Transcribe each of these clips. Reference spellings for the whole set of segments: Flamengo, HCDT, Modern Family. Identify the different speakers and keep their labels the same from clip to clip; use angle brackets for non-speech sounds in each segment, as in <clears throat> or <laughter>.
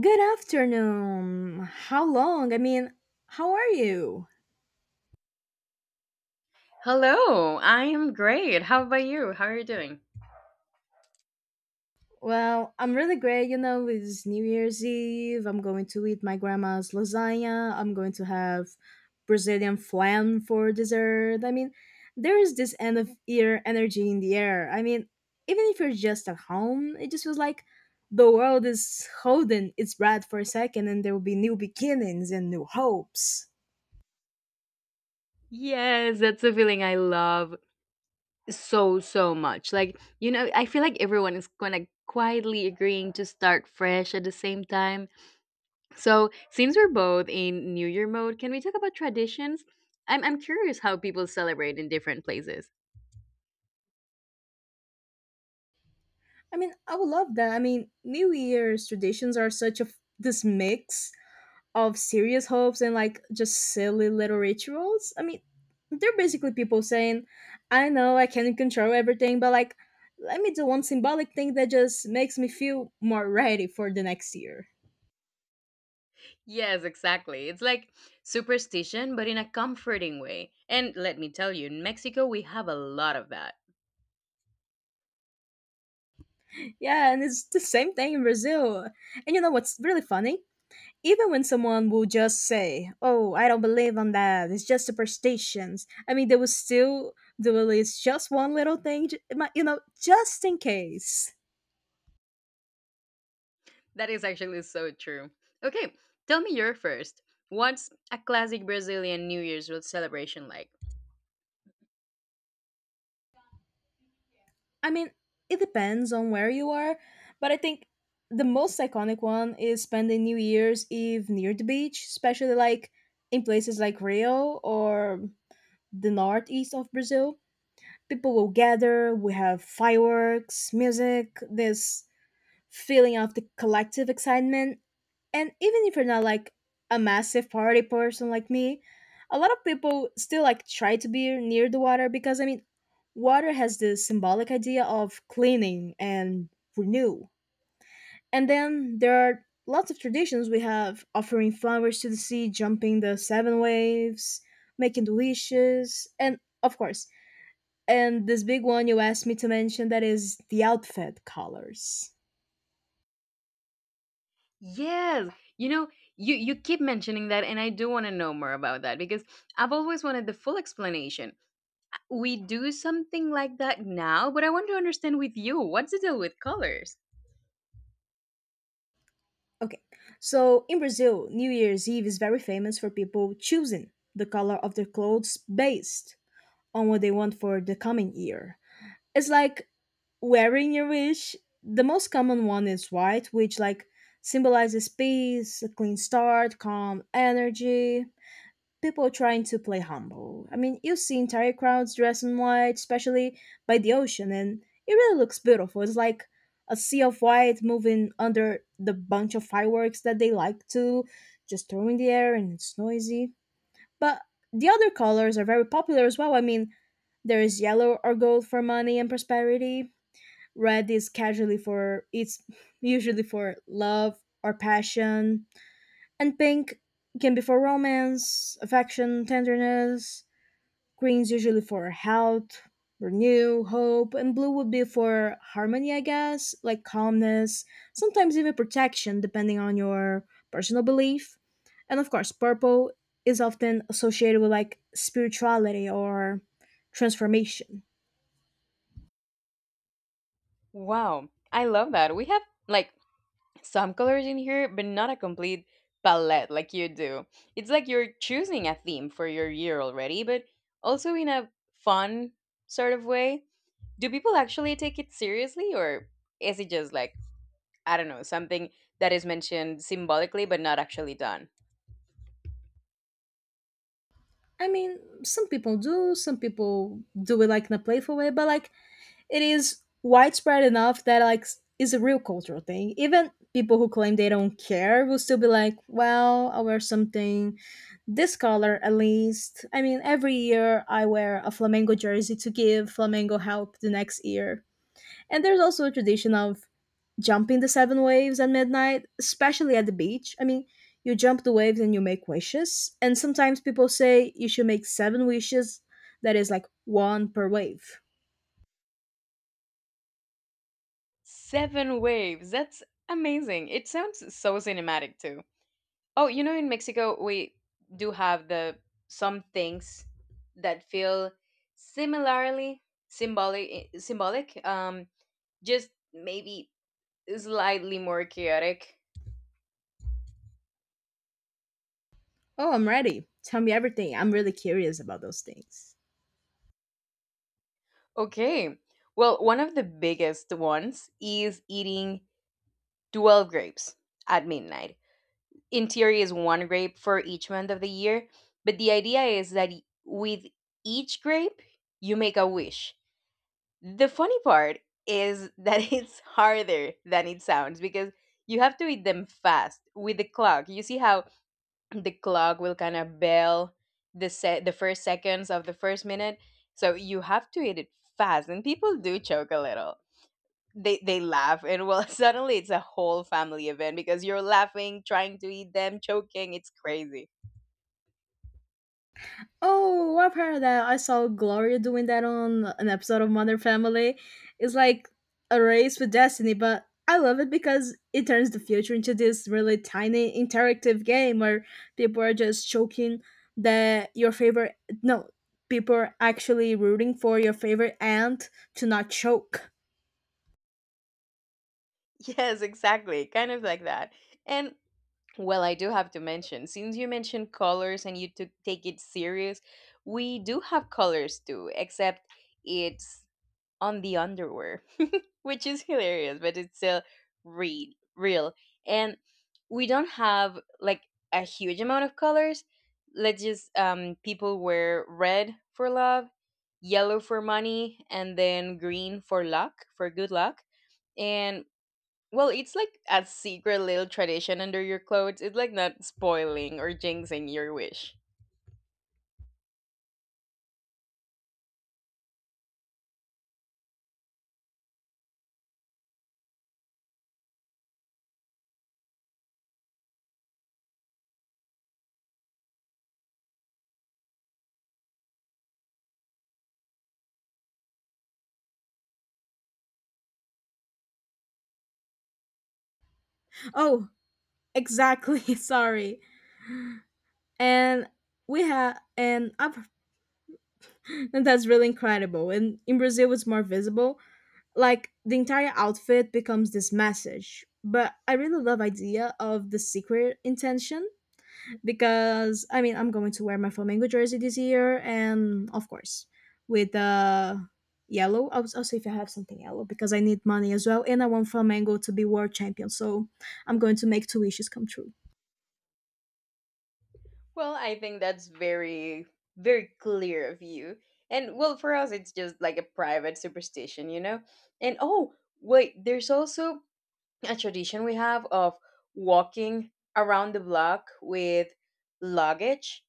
Speaker 1: Good afternoon. How long? How are you?
Speaker 2: Hello, I am great. How about you? How are you doing?
Speaker 1: Well, I'm really great. You know, it's New Year's Eve. I'm going to eat my grandma's lasagna. I'm going to have Brazilian flan for dessert. There is this end of year energy in the air. Even if you're just at home, it just feels like the world is holding its breath for a second and there will be new beginnings and new hopes.
Speaker 2: Yes, that's a feeling I love so, so much. Like, I feel like everyone is kind of quietly agreeing to start fresh at the same time. So, since we're both in New Year mode, can we talk about traditions? I'm curious how people celebrate in different places.
Speaker 1: I would love that. I mean, New Year's traditions are such a this mix of serious hopes and like just silly little rituals. I mean, they're basically people saying, "I know I can't control everything, but like, let me do one symbolic thing that just makes me feel more ready for the next year."
Speaker 2: Yes, exactly. It's like superstition, but in a comforting way. And let me tell you, in Mexico, we have a lot of that.
Speaker 1: Yeah, and it's the same thing in Brazil. And you know what's really funny? Even when someone will just say, "Oh, I don't believe on that. It's just superstitions." I mean, they will still do at least just one little thing, just in case.
Speaker 2: That is actually so true. Okay, tell me your first. What's a classic Brazilian New Year's Eve celebration like?
Speaker 1: I mean, it depends on where you are, but I think the most iconic one is spending New Year's Eve near the beach, especially like in places like Rio or the northeast of Brazil. People will gather. We have fireworks, music, this feeling of the collective excitement. And even if you're not like a massive party person like me, a lot of people still like try to be near the water because, I mean, water has this symbolic idea of cleaning and renew. And then there are lots of traditions we have offering flowers to the sea, jumping the seven waves, making the wishes, and of course, and this big one you asked me to mention that is the outfit colors.
Speaker 2: Yes, you know, you keep mentioning that, and I do want to know more about that because I've always wanted the full explanation. We do something like that now, but I want to understand with you what's the deal with colors?
Speaker 1: Okay, so in Brazil, New Year's Eve is very famous for people choosing the color of their clothes based on what they want for the coming year. It's like wearing your wish. The most common one is white, which like symbolizes peace, a clean start, calm energy, people trying to play humble. I mean, you see entire crowds dressed in white, especially by the ocean, and it really looks beautiful. It's like a sea of white moving under the bunch of fireworks that they like to just throw in the air, and it's noisy. But the other colors are very popular as well. I mean, there is yellow or gold for money and prosperity. Red is casually for it's <laughs> usually for love or passion, and pink can be for romance, affection, tenderness. Green's usually for health, renew, hope, and blue would be for harmony, I guess, like calmness, sometimes even protection, depending on your personal belief. And of course, purple is often associated with like spirituality or transformation.
Speaker 2: Wow, I love that. We have like some colors in here, but not a complete palette like you do. It's like you're choosing a theme for your year already, but also in a fun sort of way. Do people actually take it seriously, or is it just like, I don't know, something that is mentioned symbolically but not actually done?
Speaker 1: I mean, some people do it like in a playful way, but like it is widespread enough that it's a real cultural thing. Even people who claim they don't care will still be like, "Well, I'll wear something this color at least." I mean, every year I wear a Flamengo jersey to give Flamengo help the next year. And there's also a tradition of jumping the seven waves at midnight, especially at the beach. I mean, you jump the waves and you make wishes. And sometimes people say you should make seven wishes, that is like one per wave.
Speaker 2: Seven waves, that's amazing. It sounds so cinematic too. Oh, in Mexico, we do have the some things that feel similarly symbolic, just maybe slightly more chaotic.
Speaker 1: Oh, I'm ready. Tell me everything. I'm really curious about those things.
Speaker 2: Okay, well, one of the biggest ones is eating 12 grapes at midnight. In theory, is one grape for each month of the year, but the idea is that with each grape, you make a wish. The funny part is that <laughs> it's harder than it sounds because you have to eat them fast with the clock. You see how the clock will kind of bell the first seconds of the first minute. So you have to eat it fast and people do choke a little. They laugh and well <laughs> suddenly it's a whole family event because you're laughing, trying to eat them, choking, it's crazy. <laughs>
Speaker 1: Oh, I've heard of that. I saw Gloria doing that on an episode of Modern Family. It's like a race with destiny, but I love it because it turns the future into this really tiny interactive game where people are just choking that your favorite no, people are actually rooting for your favorite aunt to not choke.
Speaker 2: Yes, exactly. Kind of like that. And well, I do have to mention, since you mentioned colors and you took take it serious, we do have colors too, except it's on the underwear, <laughs> which is hilarious, but it's still real, real. And we don't have like a huge amount of colors. Let's just people wear red for love, yellow for money, and then green for good luck. And well, it's like a secret little tradition under your clothes. It's like not spoiling or jinxing your wish.
Speaker 1: Oh, exactly. <laughs> Sorry. And we have and I've And that's really incredible. And in Brazil, it's more visible. Like the entire outfit becomes this message. But I really love idea of the secret intention because, I mean, I'm going to wear my Flamengo jersey this year, and of course with yellow. I'll see if I have something yellow because I need money as well, and I want Flamengo to be world champion. So I'm going to make two wishes come true.
Speaker 2: Well, I think that's very, very clear of you. And well, for us, it's just like a private superstition, you know? And oh, wait, there's also a tradition we have of walking around the block with luggage.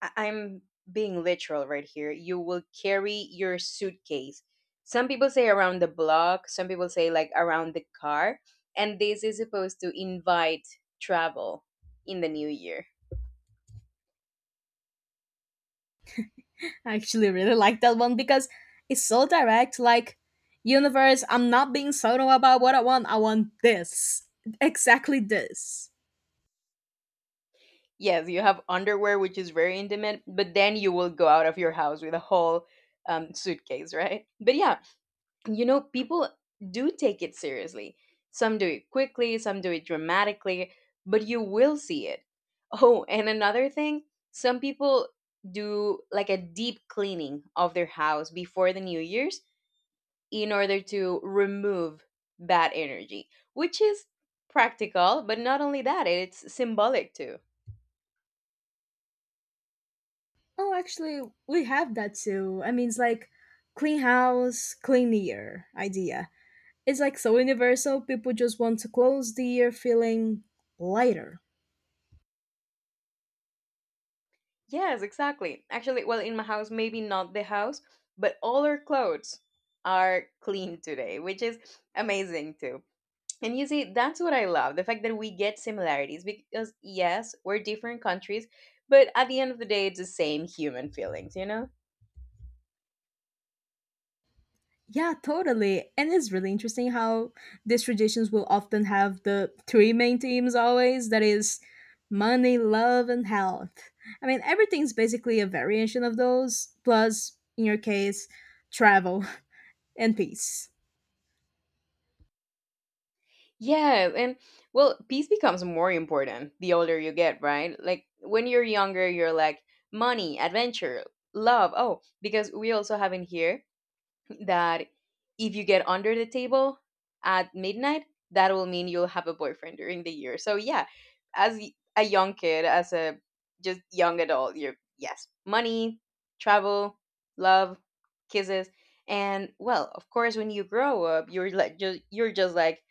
Speaker 2: I'm being literal right here. You will carry your suitcase. Some people say around the block, some people say like around the car. And this is supposed to invite travel in the new year.
Speaker 1: I actually really like that one because it's so direct. Like, universe, I'm not being subtle about what I want. I want this. Exactly this.
Speaker 2: Yes, you have underwear, which is very intimate, but then you will go out of your house with a whole suitcase, right? But yeah, people do take it seriously. Some do it quickly, some do it dramatically, but you will see it. <laughs> Oh, and another thing, some people do like a deep cleaning of their house before the New Year's in order to remove bad energy, which is practical, but not only that, it's symbolic too.
Speaker 1: Oh, actually, we have that too. I mean, it's like clean house, clean year idea. It's like so universal. People just want to close the year feeling lighter.
Speaker 2: Yes, exactly. Actually, well, in my house, maybe not the house, but all our clothes are clean today, which is amazing too. And you see, that's what I love the fact that we get similarities because, yes, we're different countries, but at the end of the day, it's the same human feelings, you know?
Speaker 1: Yeah, totally. And it's really interesting how these traditions will often have the three main themes always that is, money, love, and health. I mean, everything's basically a variation of those, plus, in your case, travel <laughs> and peace.
Speaker 2: Yeah, and well, peace becomes more important the older you get, right? Like when you're younger, you're like money, adventure, love. Oh, because we also have in here that if you get under the table at midnight, that will mean you'll have a boyfriend during the year. So yeah, as a young kid, as a just young adult, you're yes, money, travel, love, kisses, and well, of course, when you grow up, you're just like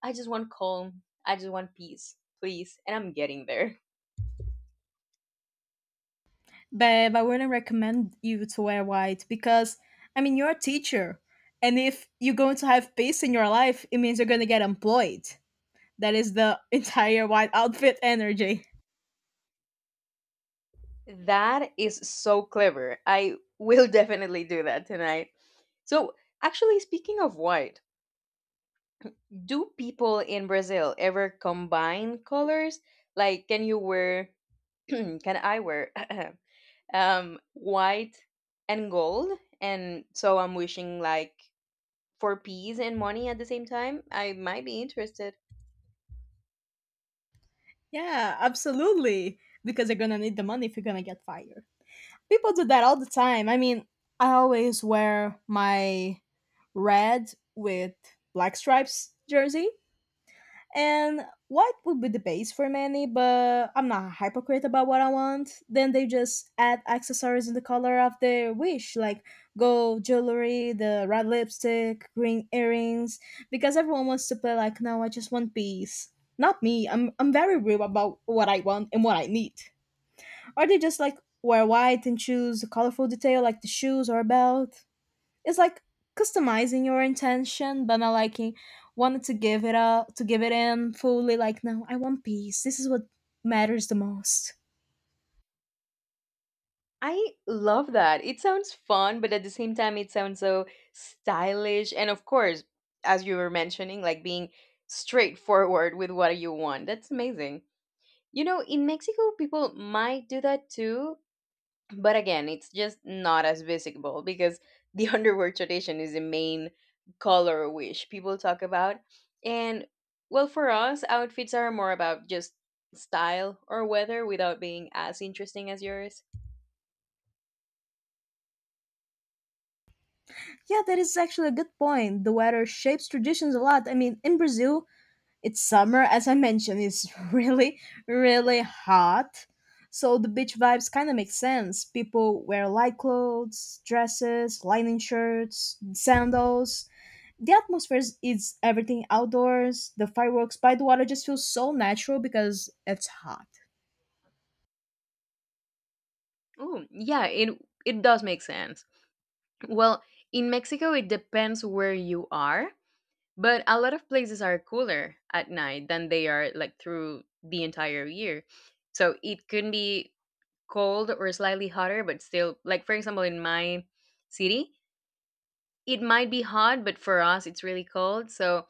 Speaker 2: I just want calm, I just want peace, please, and I'm getting there.
Speaker 1: Babe, I wouldn't recommend you to wear white because, I mean, you're a teacher. And if you're going to have peace in your life, it means you're going to get employed. That is the <laughs> entire white outfit energy.
Speaker 2: That is so clever. I will <laughs> definitely do that tonight. So, actually, speaking of white, do people in Brazil ever combine colors? Like, <clears throat> can I wear <clears throat> white and gold? And so I'm wishing like for peace and money at the same time. I might be interested.
Speaker 1: Yeah, absolutely. Because you're gonna need the money if you're gonna get fired. People do that all the time. I mean, I always wear my red with black stripes jersey and what would be the base for many, but I'm not a hypocrite about what I want. Then they just add accessories in the color of their wish, like gold jewelry, the red lipstick, green earrings, because everyone wants to play like, no, I just want peace. Not me, I'm very real about what I want and what I need. Or they just like wear white and choose a colorful detail like the shoes or belt. It's like customizing your intention, but not like wanting to give it in fully like, no, I want peace, this is what matters the most.
Speaker 2: I love that. It sounds fun, but at the same time, it sounds so stylish. And of course, as you were mentioning, like being straightforward with what you want. That's amazing. In Mexico, people might do that too, but again it's just not as visible because the <laughs> underwear tradition is the main color wish people talk about, and well, for us, outfits are more about just style or weather without being as interesting as yours.
Speaker 1: Yeah, that is actually a good point. The weather shapes traditions a lot. I mean, in Brazil, it's summer. As I mentioned, it's <laughs> really really hot, so the beach vibes kind of make sense. People wear light clothes, dresses, lining shirts, sandals. The atmosphere is everything outdoors. The fireworks by the water just feels so natural because it's hot.
Speaker 2: Oh yeah, it does make sense. Well, in Mexico it depends where you are, but a lot of places are cooler at night than they are like through the entire year, so it could be cold or slightly hotter, but still, like for example, in my city, it might be hot, but for us, it's really cold. So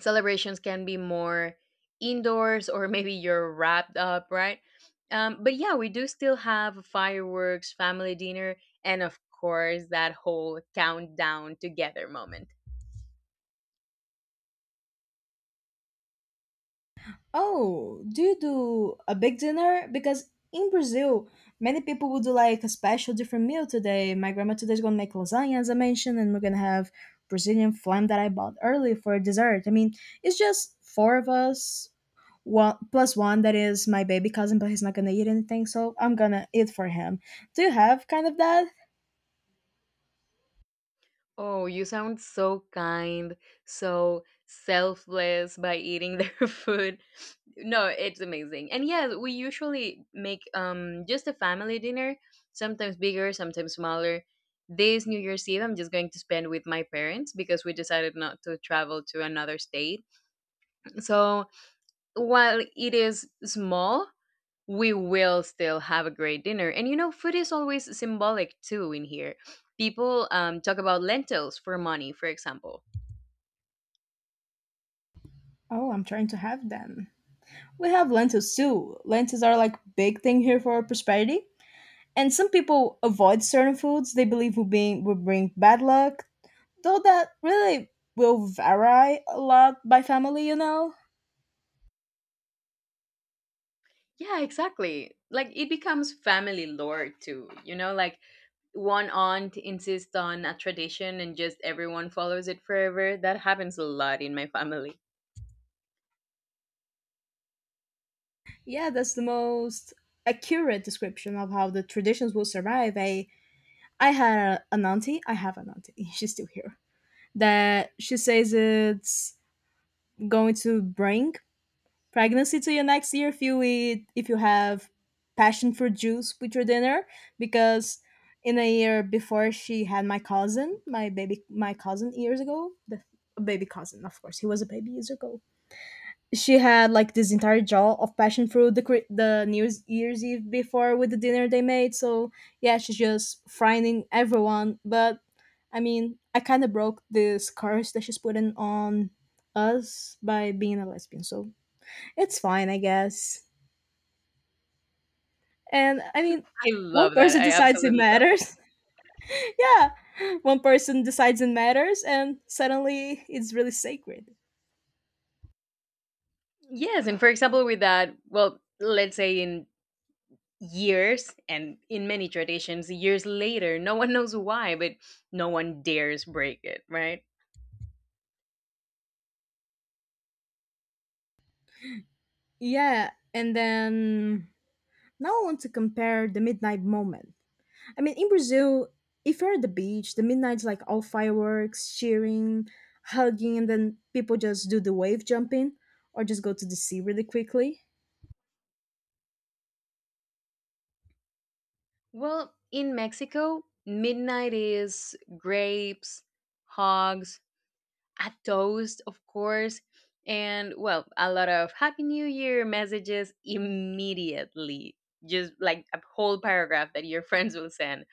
Speaker 2: celebrations can be more indoors, or <laughs> maybe you're wrapped up, right? But yeah, we do still have fireworks, family dinner, and of course, that whole countdown together moment.
Speaker 1: Oh, do you do a big dinner? Because in Brazil, many people will do like a special different meal today. My grandma today is gonna make lasagna, as I mentioned, and we're gonna have Brazilian flam that I bought early for dessert. I mean, it's just four of us, one plus one that is my baby cousin, but he's not gonna eat anything, so I'm gonna eat for him. Do you have kind of that?
Speaker 2: Oh, you sound so kind, so selfless by eating their <laughs> food. No, it's amazing. And yeah, we usually make just a family dinner, sometimes bigger, sometimes smaller. This New Year's Eve, I'm just going to spend with my parents because we decided not to travel to another state. So while it is small, we will still have a great dinner. And food is always symbolic too in here. People talk about lentils for money, for example.
Speaker 1: Oh, I'm trying to have them. We have lentils too. Lentils are like big thing here for prosperity. And some people avoid certain foods they believe will bring bad luck, though that really will vary a lot by family, you know.
Speaker 2: Yeah, exactly. Like it becomes family lore too. Like one aunt insists on a tradition and just everyone follows it forever. That happens a lot in my family.
Speaker 1: Yeah, that's the most accurate description of how the traditions will survive. An auntie. I have an auntie. <laughs> She's still here. That she says it's going to bring pregnancy to you next year if you eat if you have passion fruit juice with your dinner because in a year before she had my cousin years ago, the a baby cousin, of course he was a baby years ago. She had like this entire jar of passion fruit the the new year's eve before with the dinner they made. So yeah, she's just frightening everyone, but I mean I kind of broke this curse that she's putting on us by being a lesbian, so it's fine, I guess. And I mean,
Speaker 2: I
Speaker 1: one
Speaker 2: love that.
Speaker 1: person
Speaker 2: I
Speaker 1: decides it
Speaker 2: absolutely love that.
Speaker 1: matters. <laughs> Yeah. One person decides it matters and suddenly it's really sacred.
Speaker 2: Yes, and for example, with that, well, let's say in years and in many traditions years later, no one knows why, but no one dares break it, right?
Speaker 1: Yeah. And then now I want to compare the midnight moment. I mean, in Brazil, if you're at the beach, the midnight's like all fireworks, cheering, hugging, and then people just do the wave jumping or just go to the sea really quickly.
Speaker 2: Well, in Mexico midnight is grapes, hogs, a toast, of course, and well, a lot of happy new year messages immediately, just like a whole paragraph that your <laughs> friends will send.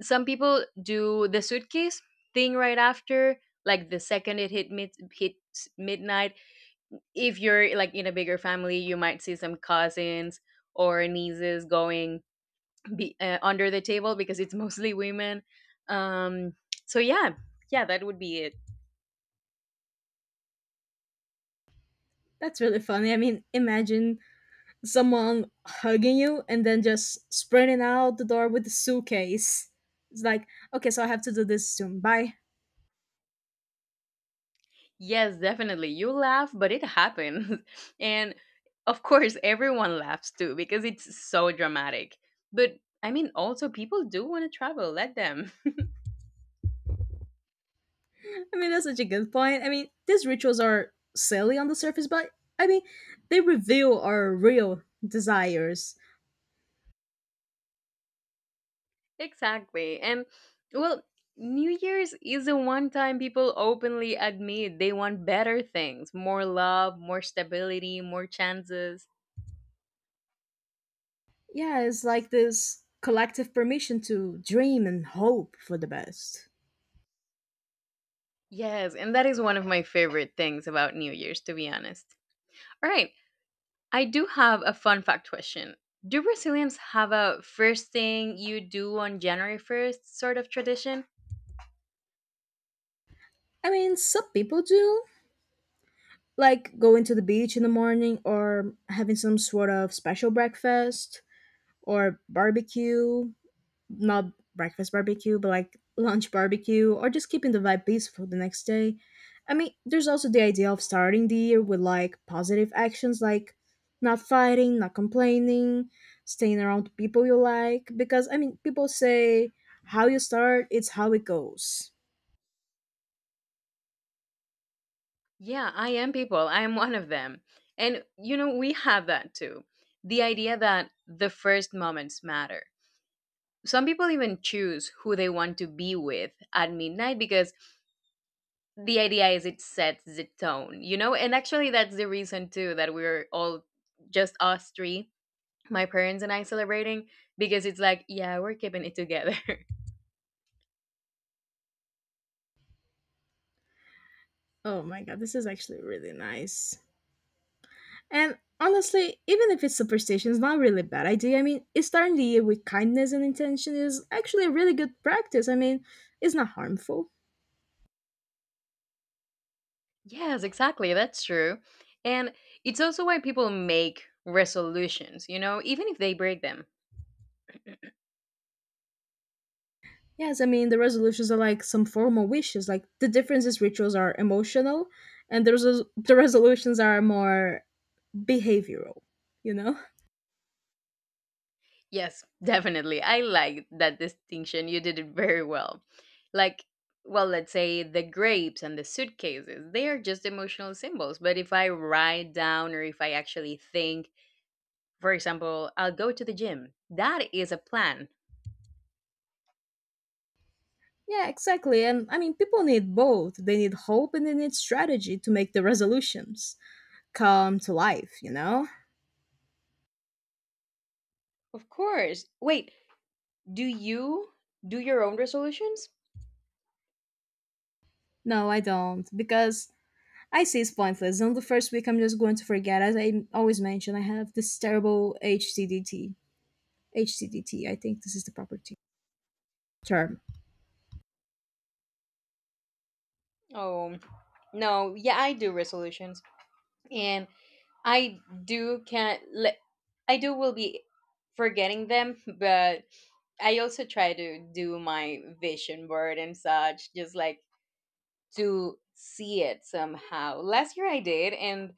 Speaker 2: Some people do the suitcase thing right after, like the second it hits midnight. If you're like in a bigger family, you might see some cousins or nieces going be, under the table because it's <laughs> mostly women. Um, so yeah, yeah, that would be it.
Speaker 1: That's really funny. I mean, imagine someone hugging you and then just sprinting out the door with the suitcase. It's like, okay, so I have to do this soon. Bye.
Speaker 2: Yes, definitely. You laugh, but it happens. <laughs> And of course, everyone laughs too because it's so dramatic. But I mean, also people do want to travel. Let them.
Speaker 1: I mean, that's such a good point. I mean, these rituals are silly on the surface, but, I mean, they reveal our real desires.
Speaker 2: Exactly. And well, New Year's is the one time people openly admit they want better things, more love, more stability, more chances.
Speaker 1: Yeah, it's like this collective permission to dream and hope for the best.
Speaker 2: Yes, and that is one of my favorite things about New Year's, to be honest. All right, I do have a fun fact question. Do Brazilians have a first thing you do on January 1st sort of tradition?
Speaker 1: I mean, some people do, like going to the beach in the morning or having some sort of special breakfast or barbecue, not breakfast barbecue, but like lunch barbecue, or just keeping the vibe peaceful the next day. I mean, there's also the idea of starting the year with like positive actions like not fighting, not complaining, staying around people you like. Because, I mean, people say how you start, it's how it goes.
Speaker 2: Yeah, I am people. I am one of them. And, we have that too. The idea that the first moments matter, some people even choose who they want to be with at midnight because the idea is it sets the tone, you know? And actually, that's the reason too that we're all just us three, my parents and I celebrating, because it's like, yeah, we're keeping it together. <laughs>
Speaker 1: Oh my god, this is actually really nice. And honestly, even if it's superstition, it's not really a bad idea. I mean, starting the year with kindness and intention is actually a really good practice. I mean, it's not harmful.
Speaker 2: Yes, exactly. That's true. And it's also why people make resolutions, even if they break them.
Speaker 1: Yes, I mean, the resolutions are like some formal wishes. Like, the difference is rituals are emotional, and the resolutions are more behavioral, you know?
Speaker 2: Yes, definitely. I like that distinction. You did it very well. Like, well, let's say the grapes and the suitcases, they are just emotional symbols. But if I write down or if I actually think, for example, I'll go to the gym, that is a plan.
Speaker 1: Yeah, exactly. And I mean, people need both. They need hope and they need strategy to make the resolutions come to life, you know?
Speaker 2: Of course. Wait, do you do your own resolutions?
Speaker 1: No, I don't. Because I see it's pointless. On the first week, I'm just going to forget. As I always mention, I have this terrible HCDT. HCDT, I think this is the proper term.
Speaker 2: Oh, no. Yeah, I do resolutions. And I do can't. I do will be forgetting them, but I also try to do my vision board and such, just like to see it somehow. Last year I did, and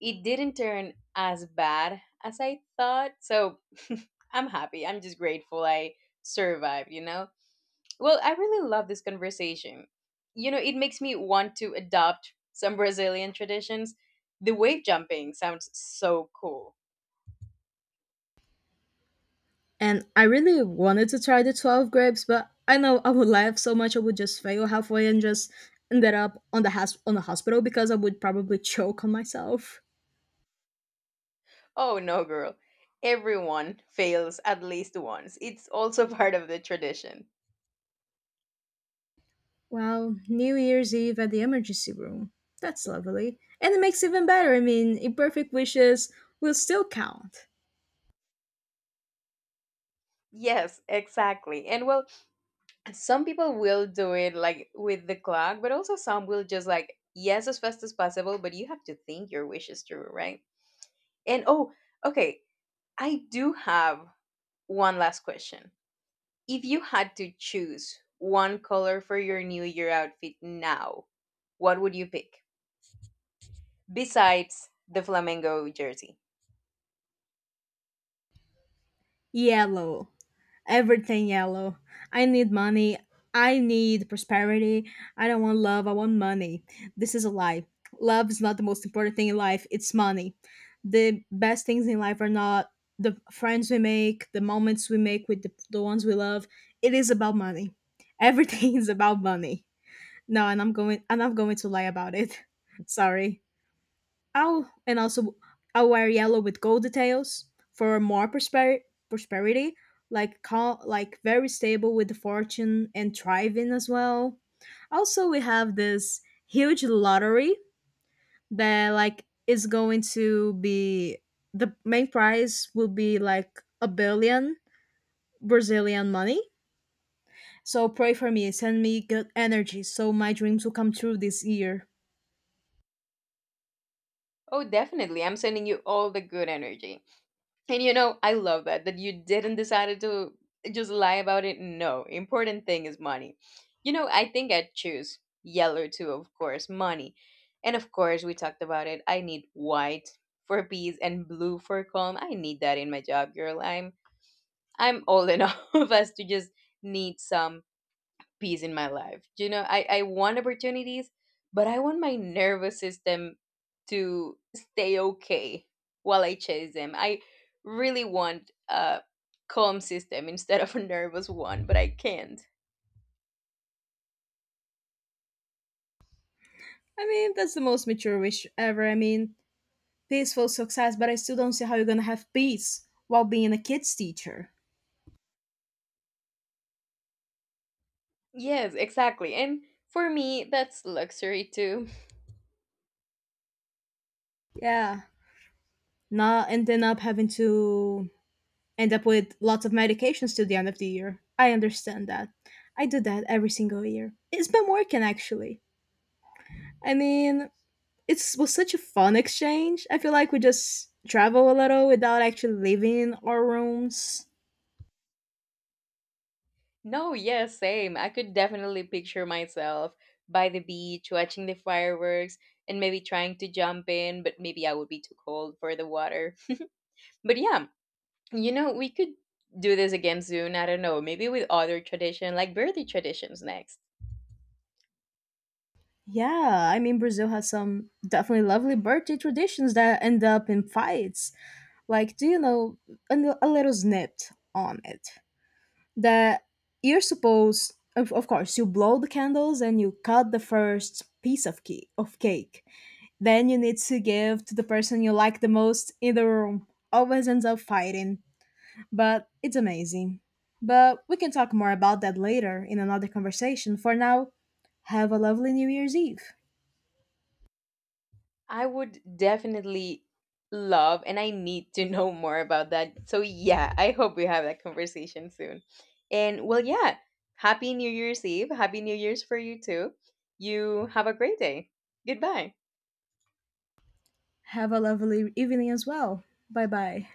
Speaker 2: it didn't turn as bad as I thought. So <laughs> I'm happy. I'm just grateful I survived, you know? Well, I really love this conversation. It makes me want to adopt some Brazilian traditions. The wave jumping sounds so cool.
Speaker 1: And I really wanted to try the 12 grapes, but I know I would laugh so much I would just fail halfway and just ended up on on the hospital because I would probably choke on myself.
Speaker 2: Oh no, girl. Everyone fails at least once. It's also <laughs> part of the tradition.
Speaker 1: Well, New Year's Eve at the emergency room. That's lovely. And it makes it even better. I mean, imperfect wishes will still count.
Speaker 2: Yes, exactly. And well, some people will do it like with the clock, but also some will just like, yes, as fast as possible, but you have to think your wish is true, right? And oh, okay. I do have one last question. If you had to choose one color for your New Year outfit now, what would you pick besides the flamingo jersey?
Speaker 1: Yellow. Everything yellow. I need money. I need prosperity. I don't want love. I want money. This is a lie. Love is not the most important thing in life. It's money. The best things in life are not the friends we make, the moments we make with the ones we love. It is about money. Everything <laughs> is about money. No, and I'm going to lie about it. <laughs> Sorry. Oh, and also I'll wear yellow with gold details for more prosperity, like very stable with the fortune and thriving as well. Also, we have this huge lottery that like is going to be the main prize will be like a billion Brazilian money. So pray for me, send me good energy so my dreams will come true this year.
Speaker 2: Oh, definitely. I'm sending you all the good energy. And I love that that you didn't decided to just lie about it. No, important thing is money. I think I'd choose yellow too, of course, money. And of course, we talked about it. I need white for peace and blue for calm. I need that in my job, girl. I'm old enough <laughs> as to just need some peace in my life. I want opportunities, but I want my nervous system to stay okay while I chase them. I really want a calm system instead of a nervous one, but I can't.
Speaker 1: I mean, that's the most mature wish ever. I mean, peaceful success, but I still don't see how you're gonna have peace while being a kids teacher.
Speaker 2: Yes, exactly. And for me, that's luxury too. <laughs>
Speaker 1: Yeah. Not ending up having to end up with lots of medications till the end of the year. I understand that. I do that every single year. It's been working actually. I mean, it was such a fun exchange. I feel like we just travel a little without actually leaving our rooms.
Speaker 2: No, yes, same. I could definitely picture myself by the beach watching the fireworks and maybe trying to jump in, but maybe I would be too cold for the water. But yeah, we could do this again soon. I don't know. Maybe with other tradition, like birthday traditions next.
Speaker 1: Yeah, I mean Brazil has some definitely lovely birthday traditions that end up in fights. Like, do you know a little snipped on it that of course, you blow the candles and you cut the first piece of cake. Of cake, then you need to give to the person you like the most in the room. Always ends up fighting, but it's amazing. But we can talk more about that later in another conversation. For now, have a lovely New Year's Eve.
Speaker 2: I would definitely love and I need to <laughs> know more about that. So, yeah, I hope we have that conversation soon. And well, yeah, happy New Year's Eve. Happy New Year's for you too. You have a great day. Goodbye.
Speaker 1: Have a lovely evening as well. Bye bye.